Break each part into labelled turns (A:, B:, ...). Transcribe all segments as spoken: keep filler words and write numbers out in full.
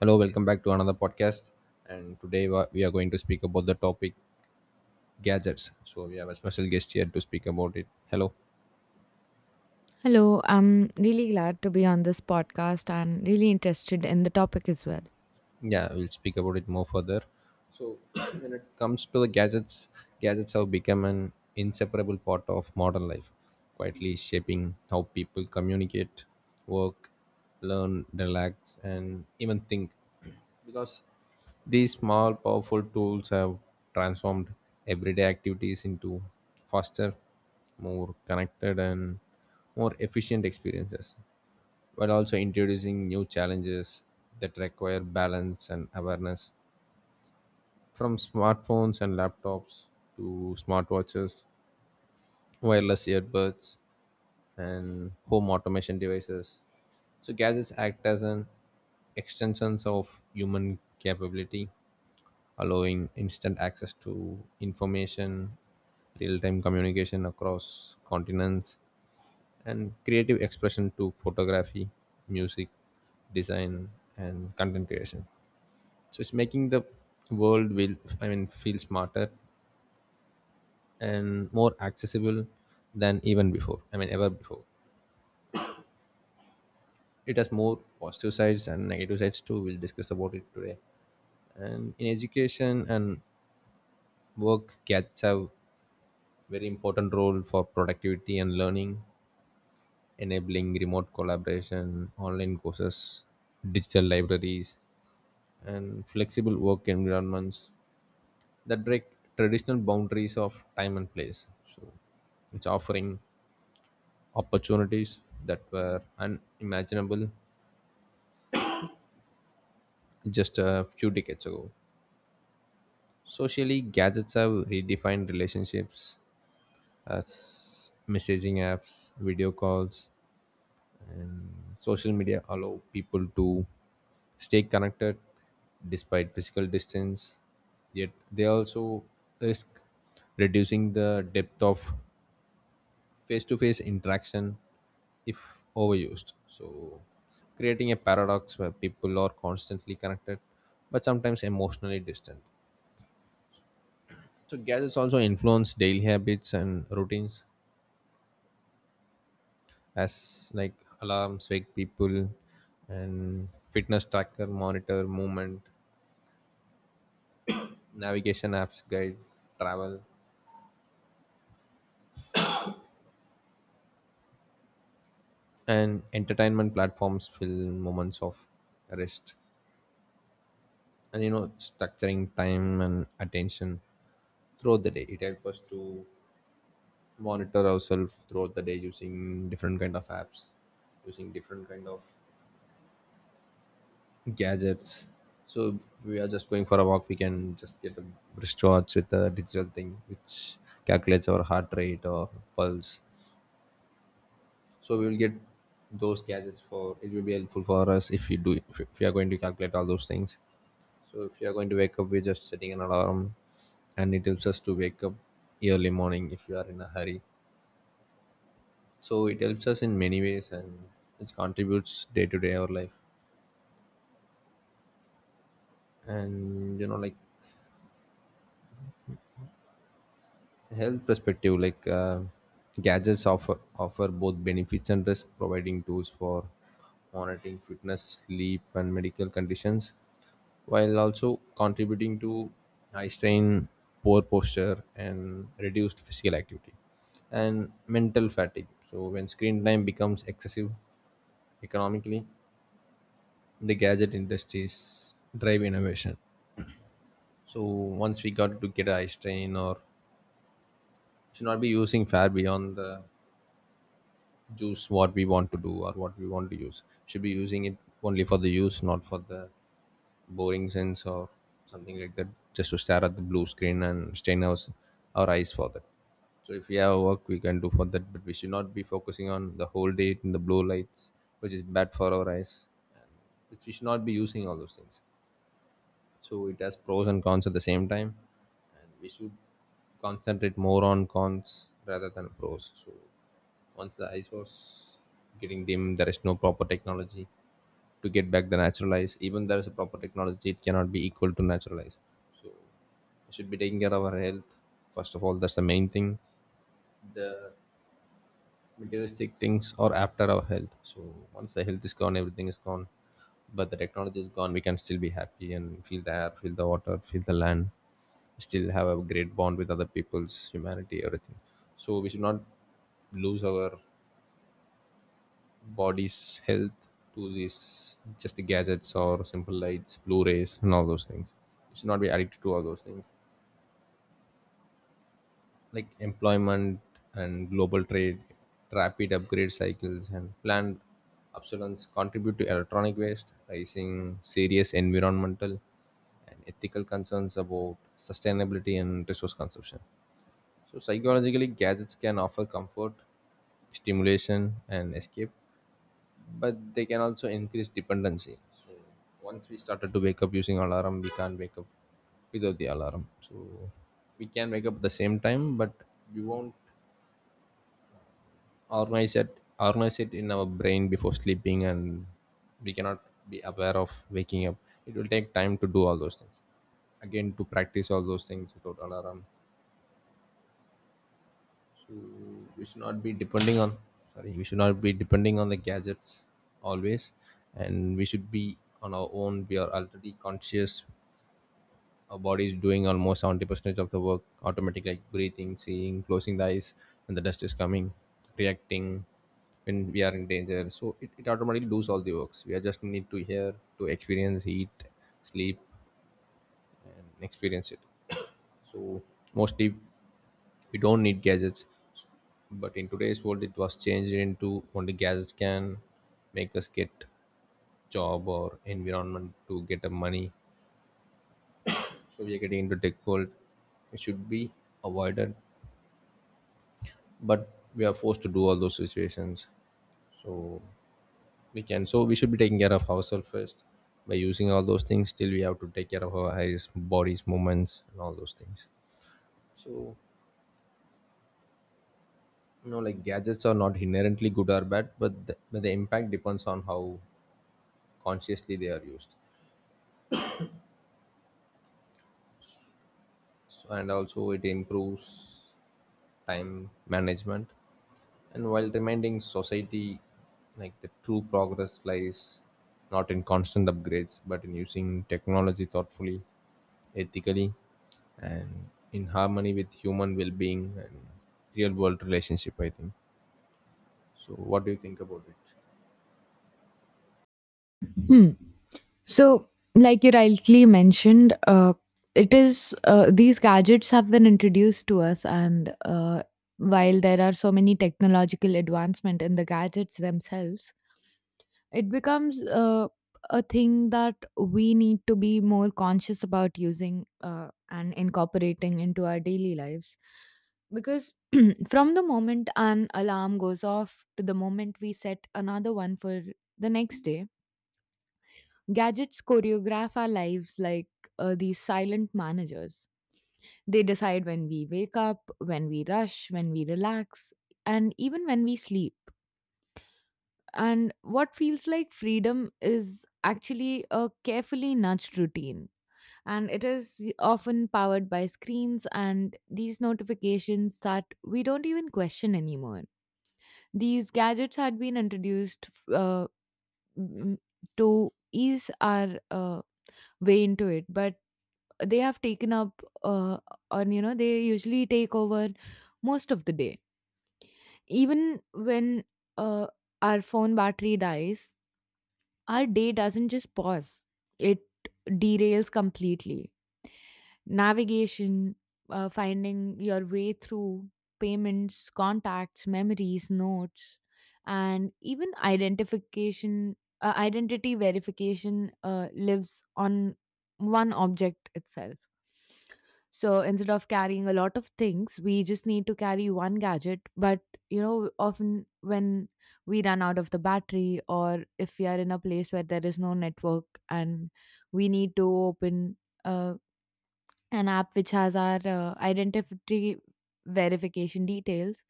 A: Hello, welcome back to another podcast. And today wa- we are going to speak about the topic gadgets. So we have a special guest here to speak about it. Hello.
B: Hello, I'm really glad to be on this podcast and really interested in the topic as well.
A: Yeah, we'll speak about it more further. So when it comes to the gadgets, gadgets have become an inseparable part of modern life, quietly shaping how people communicate, work, learn, relax, and even think. Because these small, powerful tools have transformed everyday activities into faster, more connected, and more efficient experiences, while also introducing new challenges that require balance and awareness. From smartphones and laptops to smartwatches, wireless earbuds, and home automation devices. So, gadgets act as an extensions of human capability, allowing instant access to information, real time communication across continents, and creative expression to photography, music, design, and content creation. So it's making the world, will I mean, feel smarter and more accessible than even before. I mean ever before. It has more positive sides and negative sides too. We'll discuss about it today. And in education and work, gadgets have very important role for productivity and learning, enabling remote collaboration, online courses, digital libraries, and flexible work environments that break traditional boundaries of time and place. So it's offering opportunities that were unimaginable just a few decades ago. Socially, gadgets have redefined relationships as messaging apps, video calls, social media allow people to stay connected despite physical distance, yet they also risk reducing the depth of face-to-face interaction if overused. So creating a paradox where people are constantly connected but sometimes emotionally distant. So gadgets also influence daily habits and routines, as like alarms wake people and fitness tracker monitor movement, navigation apps guide travel, and entertainment platforms fill moments of rest. And you know, structuring time and attention throughout the day. It helps us to monitor ourselves throughout the day using different kind of apps, using different kind of gadgets. So if we are just going for a walk, we can just get a wristwatch with a digital thing which calculates our heart rate or pulse. So we will get those gadgets for it will be helpful for us if we do if we are going to calculate all those things. So if you are going to wake up, we're just setting an alarm, and it helps us to wake up early morning if you are in a hurry. So it helps us in many ways, and it contributes day to day our life. And you know, like health perspective, like uh, gadgets offer offer both benefits and risk, providing tools for monitoring fitness, sleep, and medical conditions while also contributing to high strain, poor posture, and reduced physical activity and mental fatigue. So, when screen time becomes excessive economically, the gadget industries drive innovation. So, once we got to get a high strain, or should not be using far beyond the use what we want to do or what we want to use, should be using it only for the use, not for the boring sense or something like that, just to stare at the blue screen and strain our, our eyes for that. So if we have work we can do for that, but we should not be focusing on the whole day in the blue lights, which is bad for our eyes, and which we should not be using all those things. So it has pros and cons at the same time, and we should concentrate more on cons rather than pros. So once the eyes was getting dim, there is no proper technology to get back the natural eyes. Even there is a proper technology, it cannot be equal to natural eyes. So we should be taking care of our health. First of all, that's the main thing. The materialistic things are after our health. So once the health is gone, everything is gone. But the technology is gone, we can still be happy and feel the air, feel the water, feel the land, still have a great bond with other people's humanity, everything. So we should not lose our body's health to these just the gadgets or simple lights, Blu-rays, and all those things. You should not be addicted to all those things. Like employment and global trade, rapid upgrade cycles, and planned obsolescence contribute to electronic waste, raising serious environmental and ethical concerns about sustainability and resource consumption. So, psychologically, gadgets can offer comfort, stimulation, and escape, but they can also increase dependency. So once we started to wake up using alarm, we can't wake up without the alarm. So we can wake up at the same time, but we won't organize it organize it in our brain before sleeping, and we cannot be aware of waking up. It will take time to do all those things. Again, to practice all those things without alarm. So we should not be depending on sorry, we should not be depending on the gadgets always, and we should be on our own. We are already conscious. Our body is doing almost seventy percent of the work automatically, like breathing, seeing, closing the eyes when the dust is coming, reacting when we are in danger. So it, it automatically does all the works. We are just need to hear to experience eat, sleep, and experience it. So mostly we don't need gadgets. But in today's world, it was changed into only gadgets can make us get job or environment to get a money. So we are getting into tech world. It should be avoided, but we are forced to do all those situations. So we can. So we should be taking care of ourselves first by using all those things. Still, we have to take care of our eyes, bodies, movements, and all those things. So, you know, like gadgets are not inherently good or bad, but the, but the impact depends on how consciously they are used. And also it improves time management, and while reminding society like the true progress lies not in constant upgrades but in using technology thoughtfully, ethically, and in harmony with human well-being and real world relationship, I think. So what do you think about it?
B: Hmm. So, like you rightly mentioned, uh, it is uh, these gadgets have been introduced to us, and uh, while there are so many technological advancement in the gadgets themselves, it becomes uh, a thing that we need to be more conscious about using uh, and incorporating into our daily lives because from the moment an alarm goes off to the moment we set another one for the next day, gadgets choreograph our lives like uh, these silent managers. They decide when we wake up, when we rush, when we relax, and even when we sleep. And what feels like freedom is actually a carefully nudged routine. And it is often powered by screens and these notifications that we don't even question anymore. These gadgets had been introduced uh, m- to ease our uh, way into it, but they have taken up, uh, on you know, they usually take over most of the day. Even when uh, our phone battery dies, our day doesn't just pause, it derails completely. Navigation, uh, finding your way through, payments, contacts, memories, notes, and even identification, uh, identity verification uh, lives on one object itself. So instead of carrying a lot of things, we just need to carry one gadget. But, you know, often when we run out of the battery or if we are in a place where there is no network and we need to open uh, an app which has our uh, identity verification details,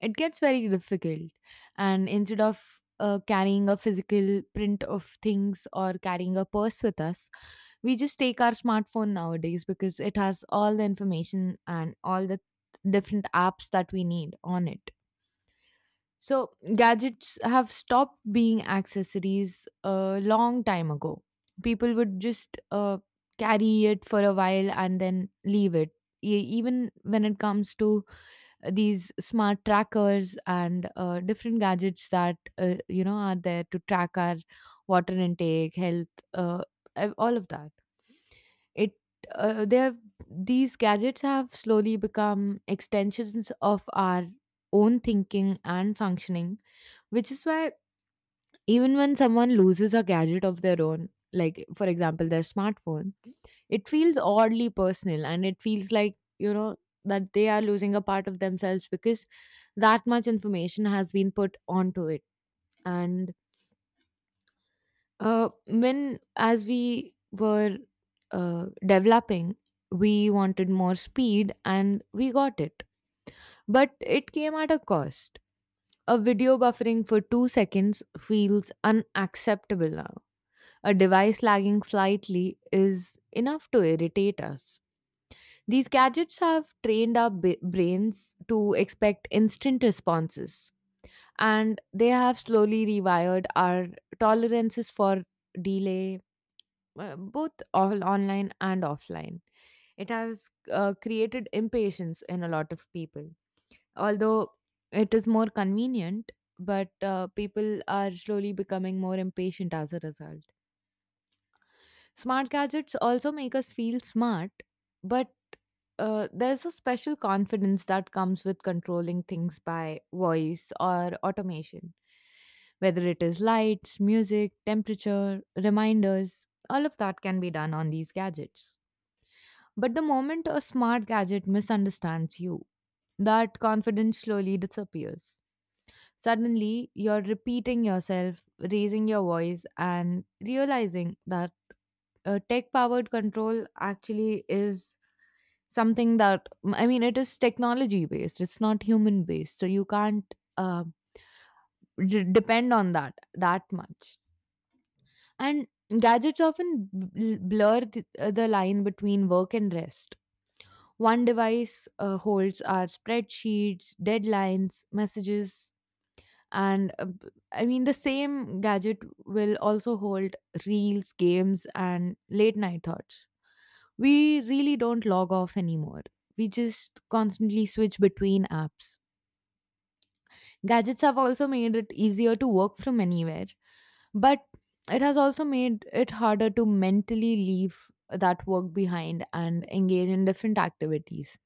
B: it gets very difficult. And instead of uh, carrying a physical print of things or carrying a purse with us, we just take our smartphone nowadays because it has all the information and all the different apps that we need on it. So, gadgets have stopped being accessories a long time ago. People would just uh, carry it for a while and then leave it. E- even when it comes to these smart trackers and uh, different gadgets that uh, you know, are there to track our water intake, health, uh, ev- all of that, it uh, they have these gadgets have slowly become extensions of our own thinking and functioning, which is why even when someone loses a gadget of their own, like for example, their smartphone, it feels oddly personal and it feels like, you know, that they are losing a part of themselves because that much information has been put onto it. And uh, when, as we were uh, developing, we wanted more speed and we got it. But it came at a cost. A video buffering for two seconds feels unacceptable now. A device lagging slightly is enough to irritate us. These gadgets have trained our b- brains to expect instant responses, and they have slowly rewired our tolerances for delay, uh, both all online and offline. It has uh, created impatience in a lot of people. Although it is more convenient, but uh, people are slowly becoming more impatient as a result. Smart gadgets also make us feel smart, but uh, there's a special confidence that comes with controlling things by voice or automation. Whether it is lights, music, temperature, reminders, all of that can be done on these gadgets. But the moment a smart gadget misunderstands you, that confidence slowly disappears. Suddenly, you're repeating yourself, raising your voice, and realizing that uh, tech powered control actually is something that, I mean, it is technology based. It's not human based, so you can't uh, d- depend on that that much. And gadgets often bl- blur the, uh, the line between work and rest. One device uh, holds our spreadsheets, deadlines, messages, and uh, b- I mean, the same gadget will also hold reels, games, and late night thoughts. We really don't log off anymore. We just constantly switch between apps. Gadgets have also made it easier to work from anywhere, but it has also made it harder to mentally leave that work behind and engage in different activities.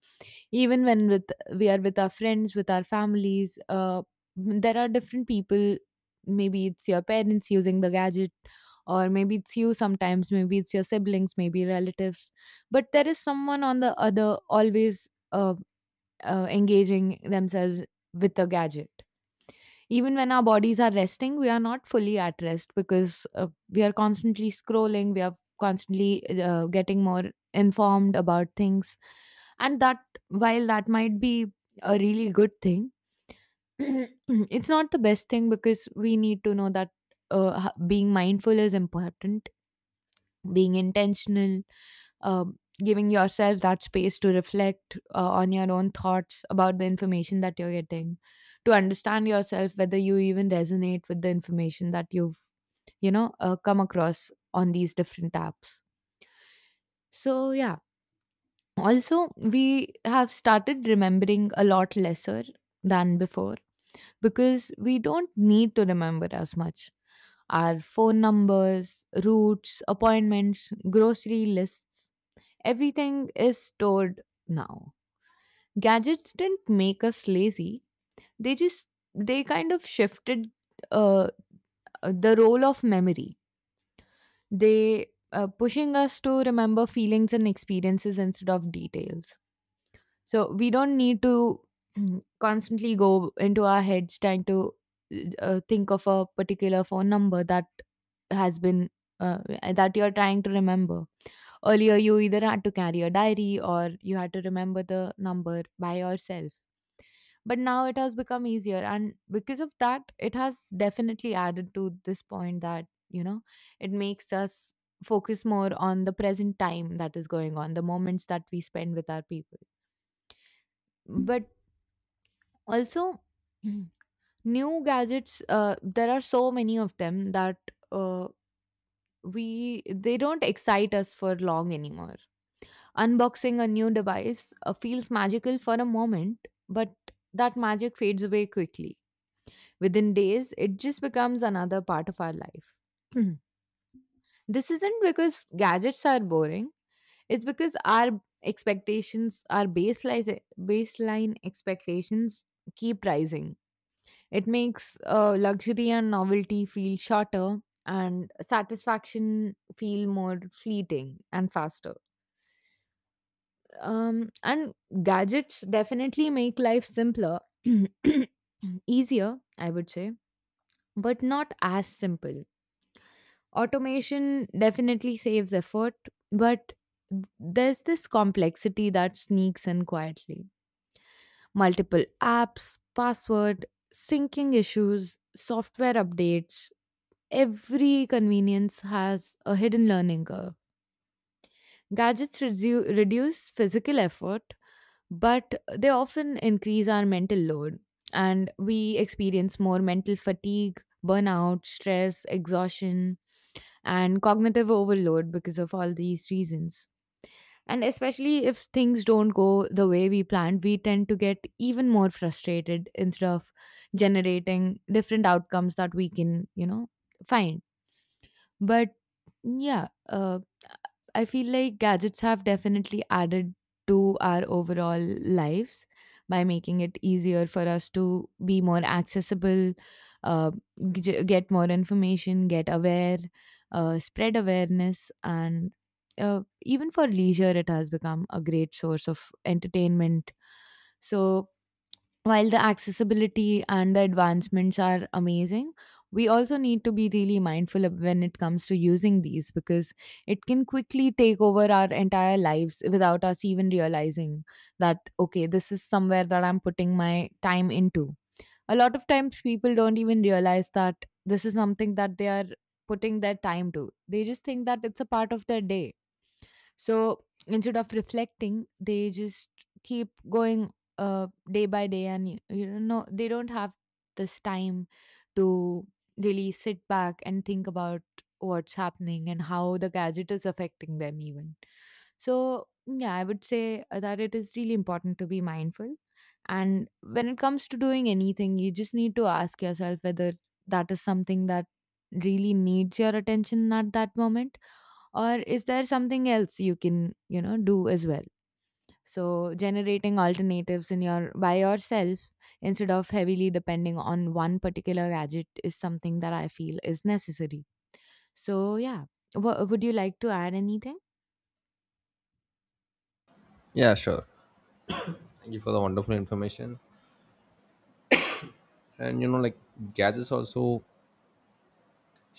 B: Even when with we are with our friends, with our families, uh, there are different people. Maybe it's your parents using the gadget, or maybe it's you sometimes. Maybe it's your siblings, maybe relatives. But there is someone on the other always uh, uh, engaging themselves with a gadget. Even when our bodies are resting, we are not fully at rest because uh, we are constantly scrolling, we are constantly uh, getting more informed about things. And that, while that might be a really good thing, it's not the best thing because we need to know that uh, h- being mindful is important, being intentional, uh, giving yourself that space to reflect uh, on your own thoughts about the information that you're getting, to understand yourself whether you even resonate with the information that you've, you know, uh, come across on these different apps. So, yeah. Also, we have started remembering a lot lesser than before because we don't need to remember as much. Our phone numbers, routes, appointments, grocery lists, everything is stored now. Gadgets didn't make us lazy. They just they kind of shifted uh, uh, the role of memory. They uh, pushing us to remember feelings and experiences instead of details. So we don't need to constantly go into our heads trying to uh, think of a particular phone number that has been uh, that you're trying to remember. Earlier, you either had to carry a diary or you had to remember the number by yourself. But now it has become easier. And because of that, it has definitely added to this point that, you know, it makes us focus more on the present time that is going on, the moments that we spend with our people. But also, new gadgets, uh, there are so many of them that uh, we they don't excite us for long anymore. Unboxing a new device uh, feels magical for a moment, but that magic fades away quickly. Within days, it just becomes another part of our life. Mhm. This isn't because gadgets are boring, it's because our expectations, our baseline, baseline expectations keep rising. It makes uh, luxury and novelty feel shorter and satisfaction feel more fleeting and faster. Um, and gadgets definitely make life simpler, easier, I would say, but not as simple. Automation definitely saves effort, but there's this complexity that sneaks in quietly. Multiple apps, password, syncing issues, software updates, every convenience has a hidden learning curve. Gadgets redu- reduce physical effort, but they often increase our mental load, and we experience more mental fatigue, burnout, stress, exhaustion, and cognitive overload because of all these reasons. And especially if things don't go the way we planned, we tend to get even more frustrated instead of generating different outcomes that we can, you know, find. But yeah, uh, I feel like gadgets have definitely added to our overall lives by making it easier for us to be more accessible, uh, g- get more information, get aware, uh, spread awareness, and uh, even for leisure, it has become a great source of entertainment. So, while the accessibility and the advancements are amazing, we also need to be really mindful of when it comes to using these because it can quickly take over our entire lives without us even realizing that, okay, this is somewhere that I'm putting my time into. A lot of times people don't even realize that this is something that they are putting their time to. They just think that it's a part of their day, so instead of reflecting, they just keep going uh, day by day, and y- you don't know no, they don't have this time to really sit back and think about what's happening and how the gadget is affecting them even. So yeah, I would say uh, that it is really important to be mindful. And when it comes to doing anything, you just need to ask yourself whether that is something that really needs your attention at that moment, or is there something else you can, you know, do as well. So generating alternatives in your by yourself instead of heavily depending on one particular gadget is something that I feel is necessary. So yeah, w- would you like to add anything?
A: Yeah, sure, thank you for the wonderful information. And you know, like gadgets also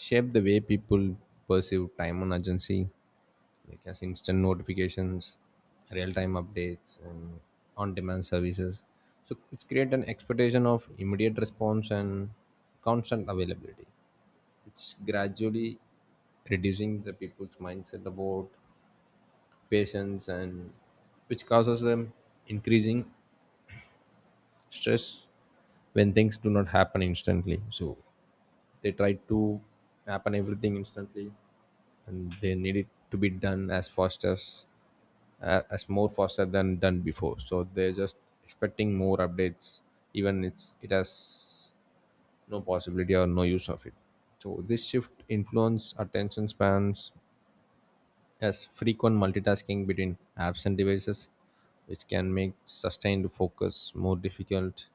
A: shape the way people perceive time and urgency, like as instant notifications, real-time updates, and on-demand services. So it's create an expectation of immediate response and constant availability. It's gradually reducing the people's mindset about patience, and which causes them increasing stress when things do not happen instantly. So they try to happen everything instantly, and they need it to be done as fast as uh, as more faster than done before, so they're just expecting more updates, even it's it has no possibility or no use of it. So this shift influence attention spans as frequent multitasking between apps and devices, which can make sustained focus more difficult,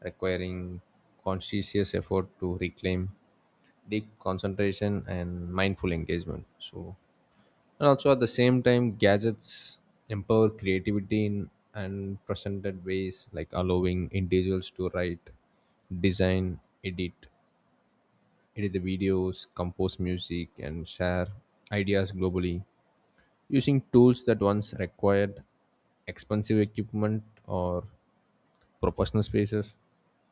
A: requiring conscientious effort to reclaim deep concentration and mindful engagement. So and also at the same time, gadgets empower creativity in unprecedented ways, like allowing individuals to write, design, edit edit the videos, compose music, and share ideas globally using tools that once required expensive equipment or professional spaces,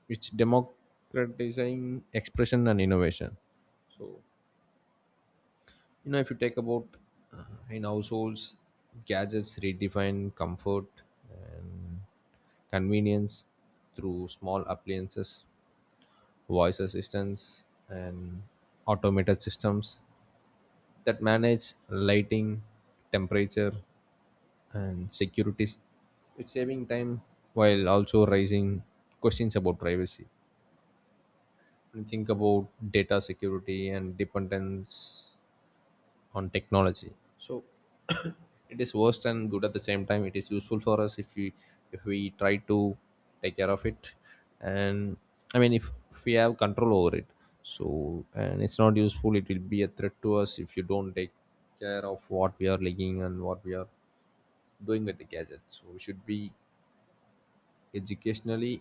A: which democratizing expression and innovation. You know if you take about uh, in households, gadgets redefine comfort and convenience through small appliances, voice assistants, and automated systems that manage lighting, temperature, and security. It's saving time while also raising questions about privacy when you think about data security and dependence on technology. So it is worst and good at the same time. It is useful for us if we if we try to take care of it, and I mean if, if we have control over it. So and it's not useful. It will be a threat to us if you don't take care of what we are leaking and what we are doing with the gadget. So we should be educationally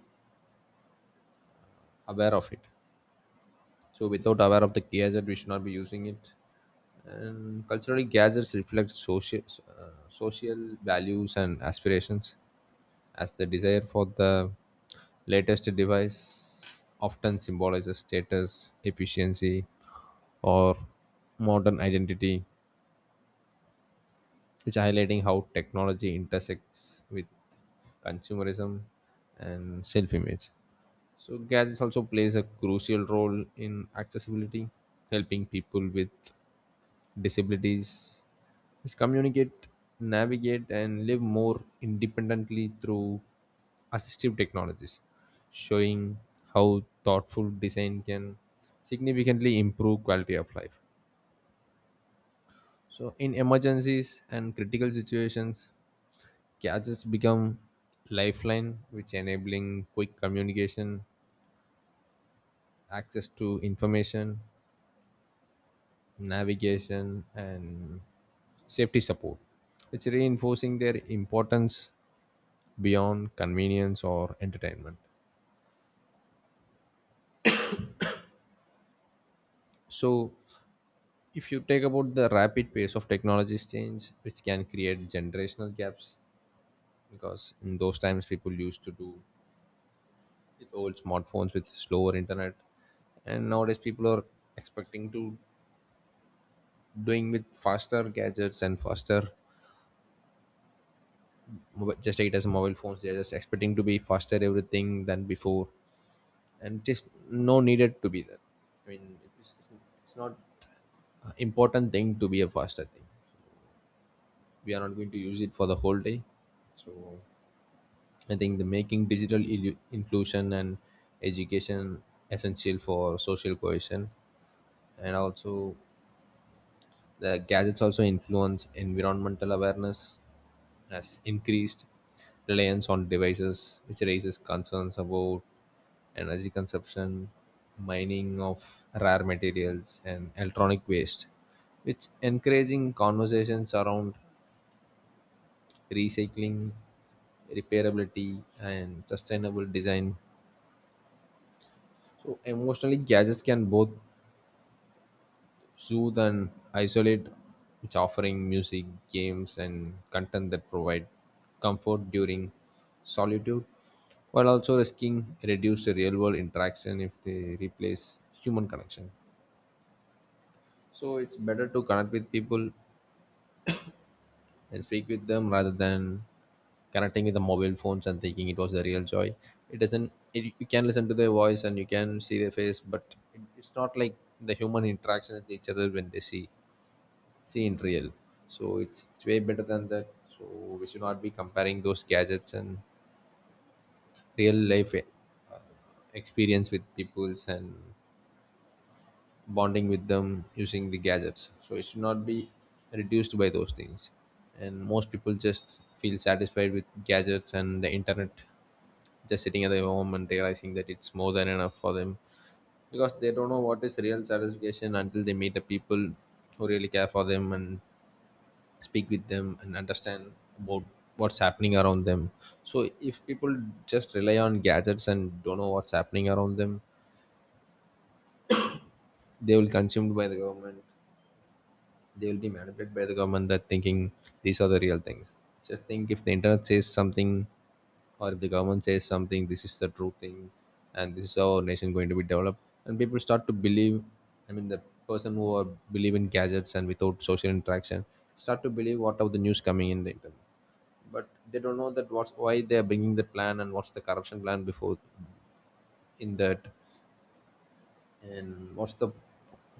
A: aware of it. So without aware of the gadget, we should not be using it. And culturally, gadgets reflect social uh, social values and aspirations, as the desire for the latest device often symbolizes status, efficiency, or modern identity, which highlighting how technology intersects with consumerism and self-image. So gadgets also plays a crucial role in accessibility, helping people with disabilities is communicate, navigate, and live more independently through assistive technologies, showing how thoughtful design can significantly improve quality of life. So in emergencies and critical situations, gadgets become lifeline, which enabling quick communication, access to information, navigation, and safety support. It's reinforcing their importance beyond convenience or entertainment. So, if you take about the rapid pace of technology's change, which can create generational gaps, because in those times people used to do with old smartphones with slower internet, and nowadays people are expecting to doing with faster gadgets and faster mobi- just take it as mobile phones, they're just expecting to be faster everything than before and just no needed to be there. I mean, it's, it's not a important thing to be a faster thing. We are not going to use it for the whole day. So I think the making digital illu- inclusion and education essential for social cohesion, and also the gadgets also influence environmental awareness as increased reliance on devices, which raises concerns about energy consumption, mining of rare materials, and electronic waste, which encouraging conversations around recycling, repairability, and sustainable design. So emotionally, gadgets can both soothe and isolate. It's offering music, games, and content that provide comfort during solitude, while also risking reduced real world interaction if they replace human connection. So it's better to connect with people and speak with them rather than connecting with the mobile phones and thinking it was the real joy. It doesn't, it, you can listen to their voice and you can see their face, but it, it's not like the human interaction with each other when they see see in real. So it's, it's way better than that. So we should not be comparing those gadgets and real life eh, uh, experience with peoples and bonding with them using the gadgets. So it should not be reduced by those things. And most people just feel satisfied with gadgets and the internet, just sitting at their home and realizing that it's more than enough for them, because they don't know what is real satisfaction until they meet the people who really care for them and speak with them and understand about what's happening around them. So if people just rely on gadgets and don't know what's happening around them, they will consumed by the government. They will be manipulated by the government, that thinking these are the real things. Just think, if the internet says something or if the government says something, this is the true thing and this is how our nation going to be developed. And people start to believe, I mean, the person who are believe in gadgets and without social interaction start to believe what of the news coming in the internet. But they don't know that what's why they are bringing the plan, and what's the corruption plan before in that, and what's the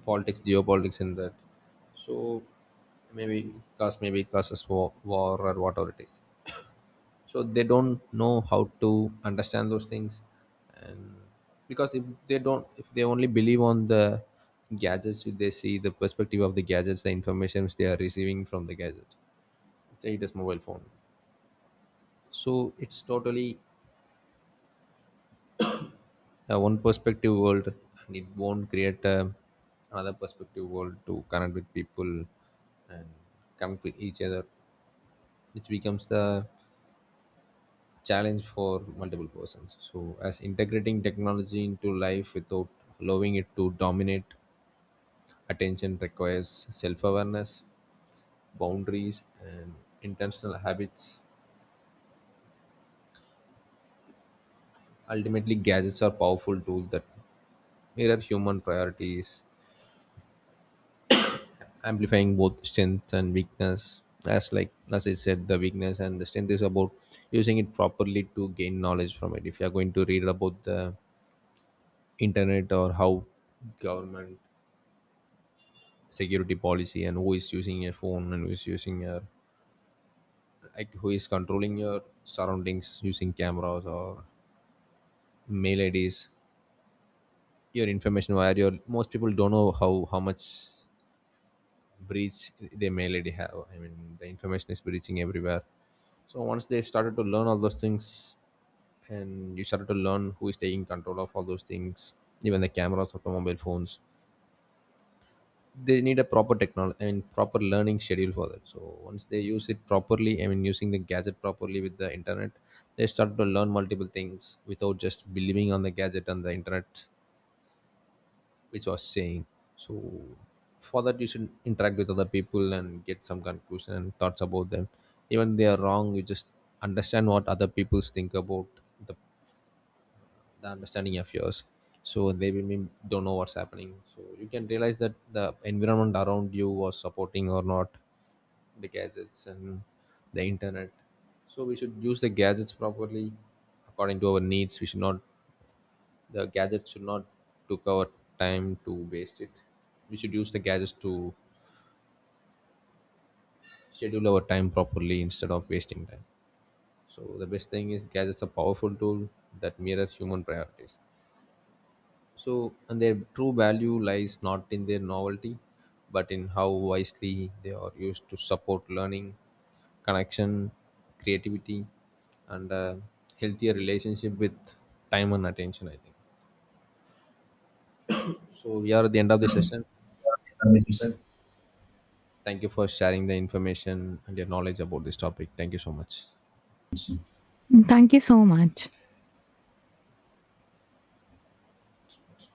A: politics, geopolitics in that. So maybe cause, maybe it causes war, war or whatever it is. So they don't know how to understand those things. And because if they don't, if they only believe on the gadgets, if they see the perspective of the gadgets, the information which they are receiving from the gadget, say it is mobile phone, so it's totally uh, one perspective world, and it won't create a, another perspective world to connect with people and connect with each other, which becomes the challenge for multiple persons. So as integrating technology into life without allowing it to dominate attention requires self-awareness, boundaries, and intentional habits. Ultimately gadgets are powerful tools that mirror human priorities, amplifying both strength and weakness. As like as I said, the weakness and the strength is about using it properly to gain knowledge from it. If you are going to read about the internet, or how government security policy, and who is using your phone and who is using your, like who is controlling your surroundings using cameras or mail I Ds, your information, where your most people don't know how how much breach they mail already have. I mean, the information is breaching everywhere. So once they started to learn all those things, and you started to learn who is taking control of all those things, even the cameras of the mobile phones, they need a proper technology, I mean proper learning schedule for that. So once they use it properly, I mean using the gadget properly with the internet, they start to learn multiple things without just believing on the gadget and the internet, which was saying. So for that you should interact with other people and get some conclusion and thoughts about them. Even they are wrong, you just understand what other people think about the, the understanding of yours. So they will mean don't know what's happening. So you can realize that the environment around you was supporting or not the gadgets and the internet. So we should use the gadgets properly according to our needs. We should not, the gadgets should not took our time to waste it. We should use the gadgets to schedule our time properly instead of wasting time. So the best thing is gadgets are powerful tool that mirror human priorities. So, and their true value lies not in their novelty, but in how wisely they are used to support learning, connection, creativity, and a healthier relationship with time and attention. I think so we are at the end of the session. Thank you for sharing the information and your knowledge about this topic. Thank you so much.
B: Thank you so much.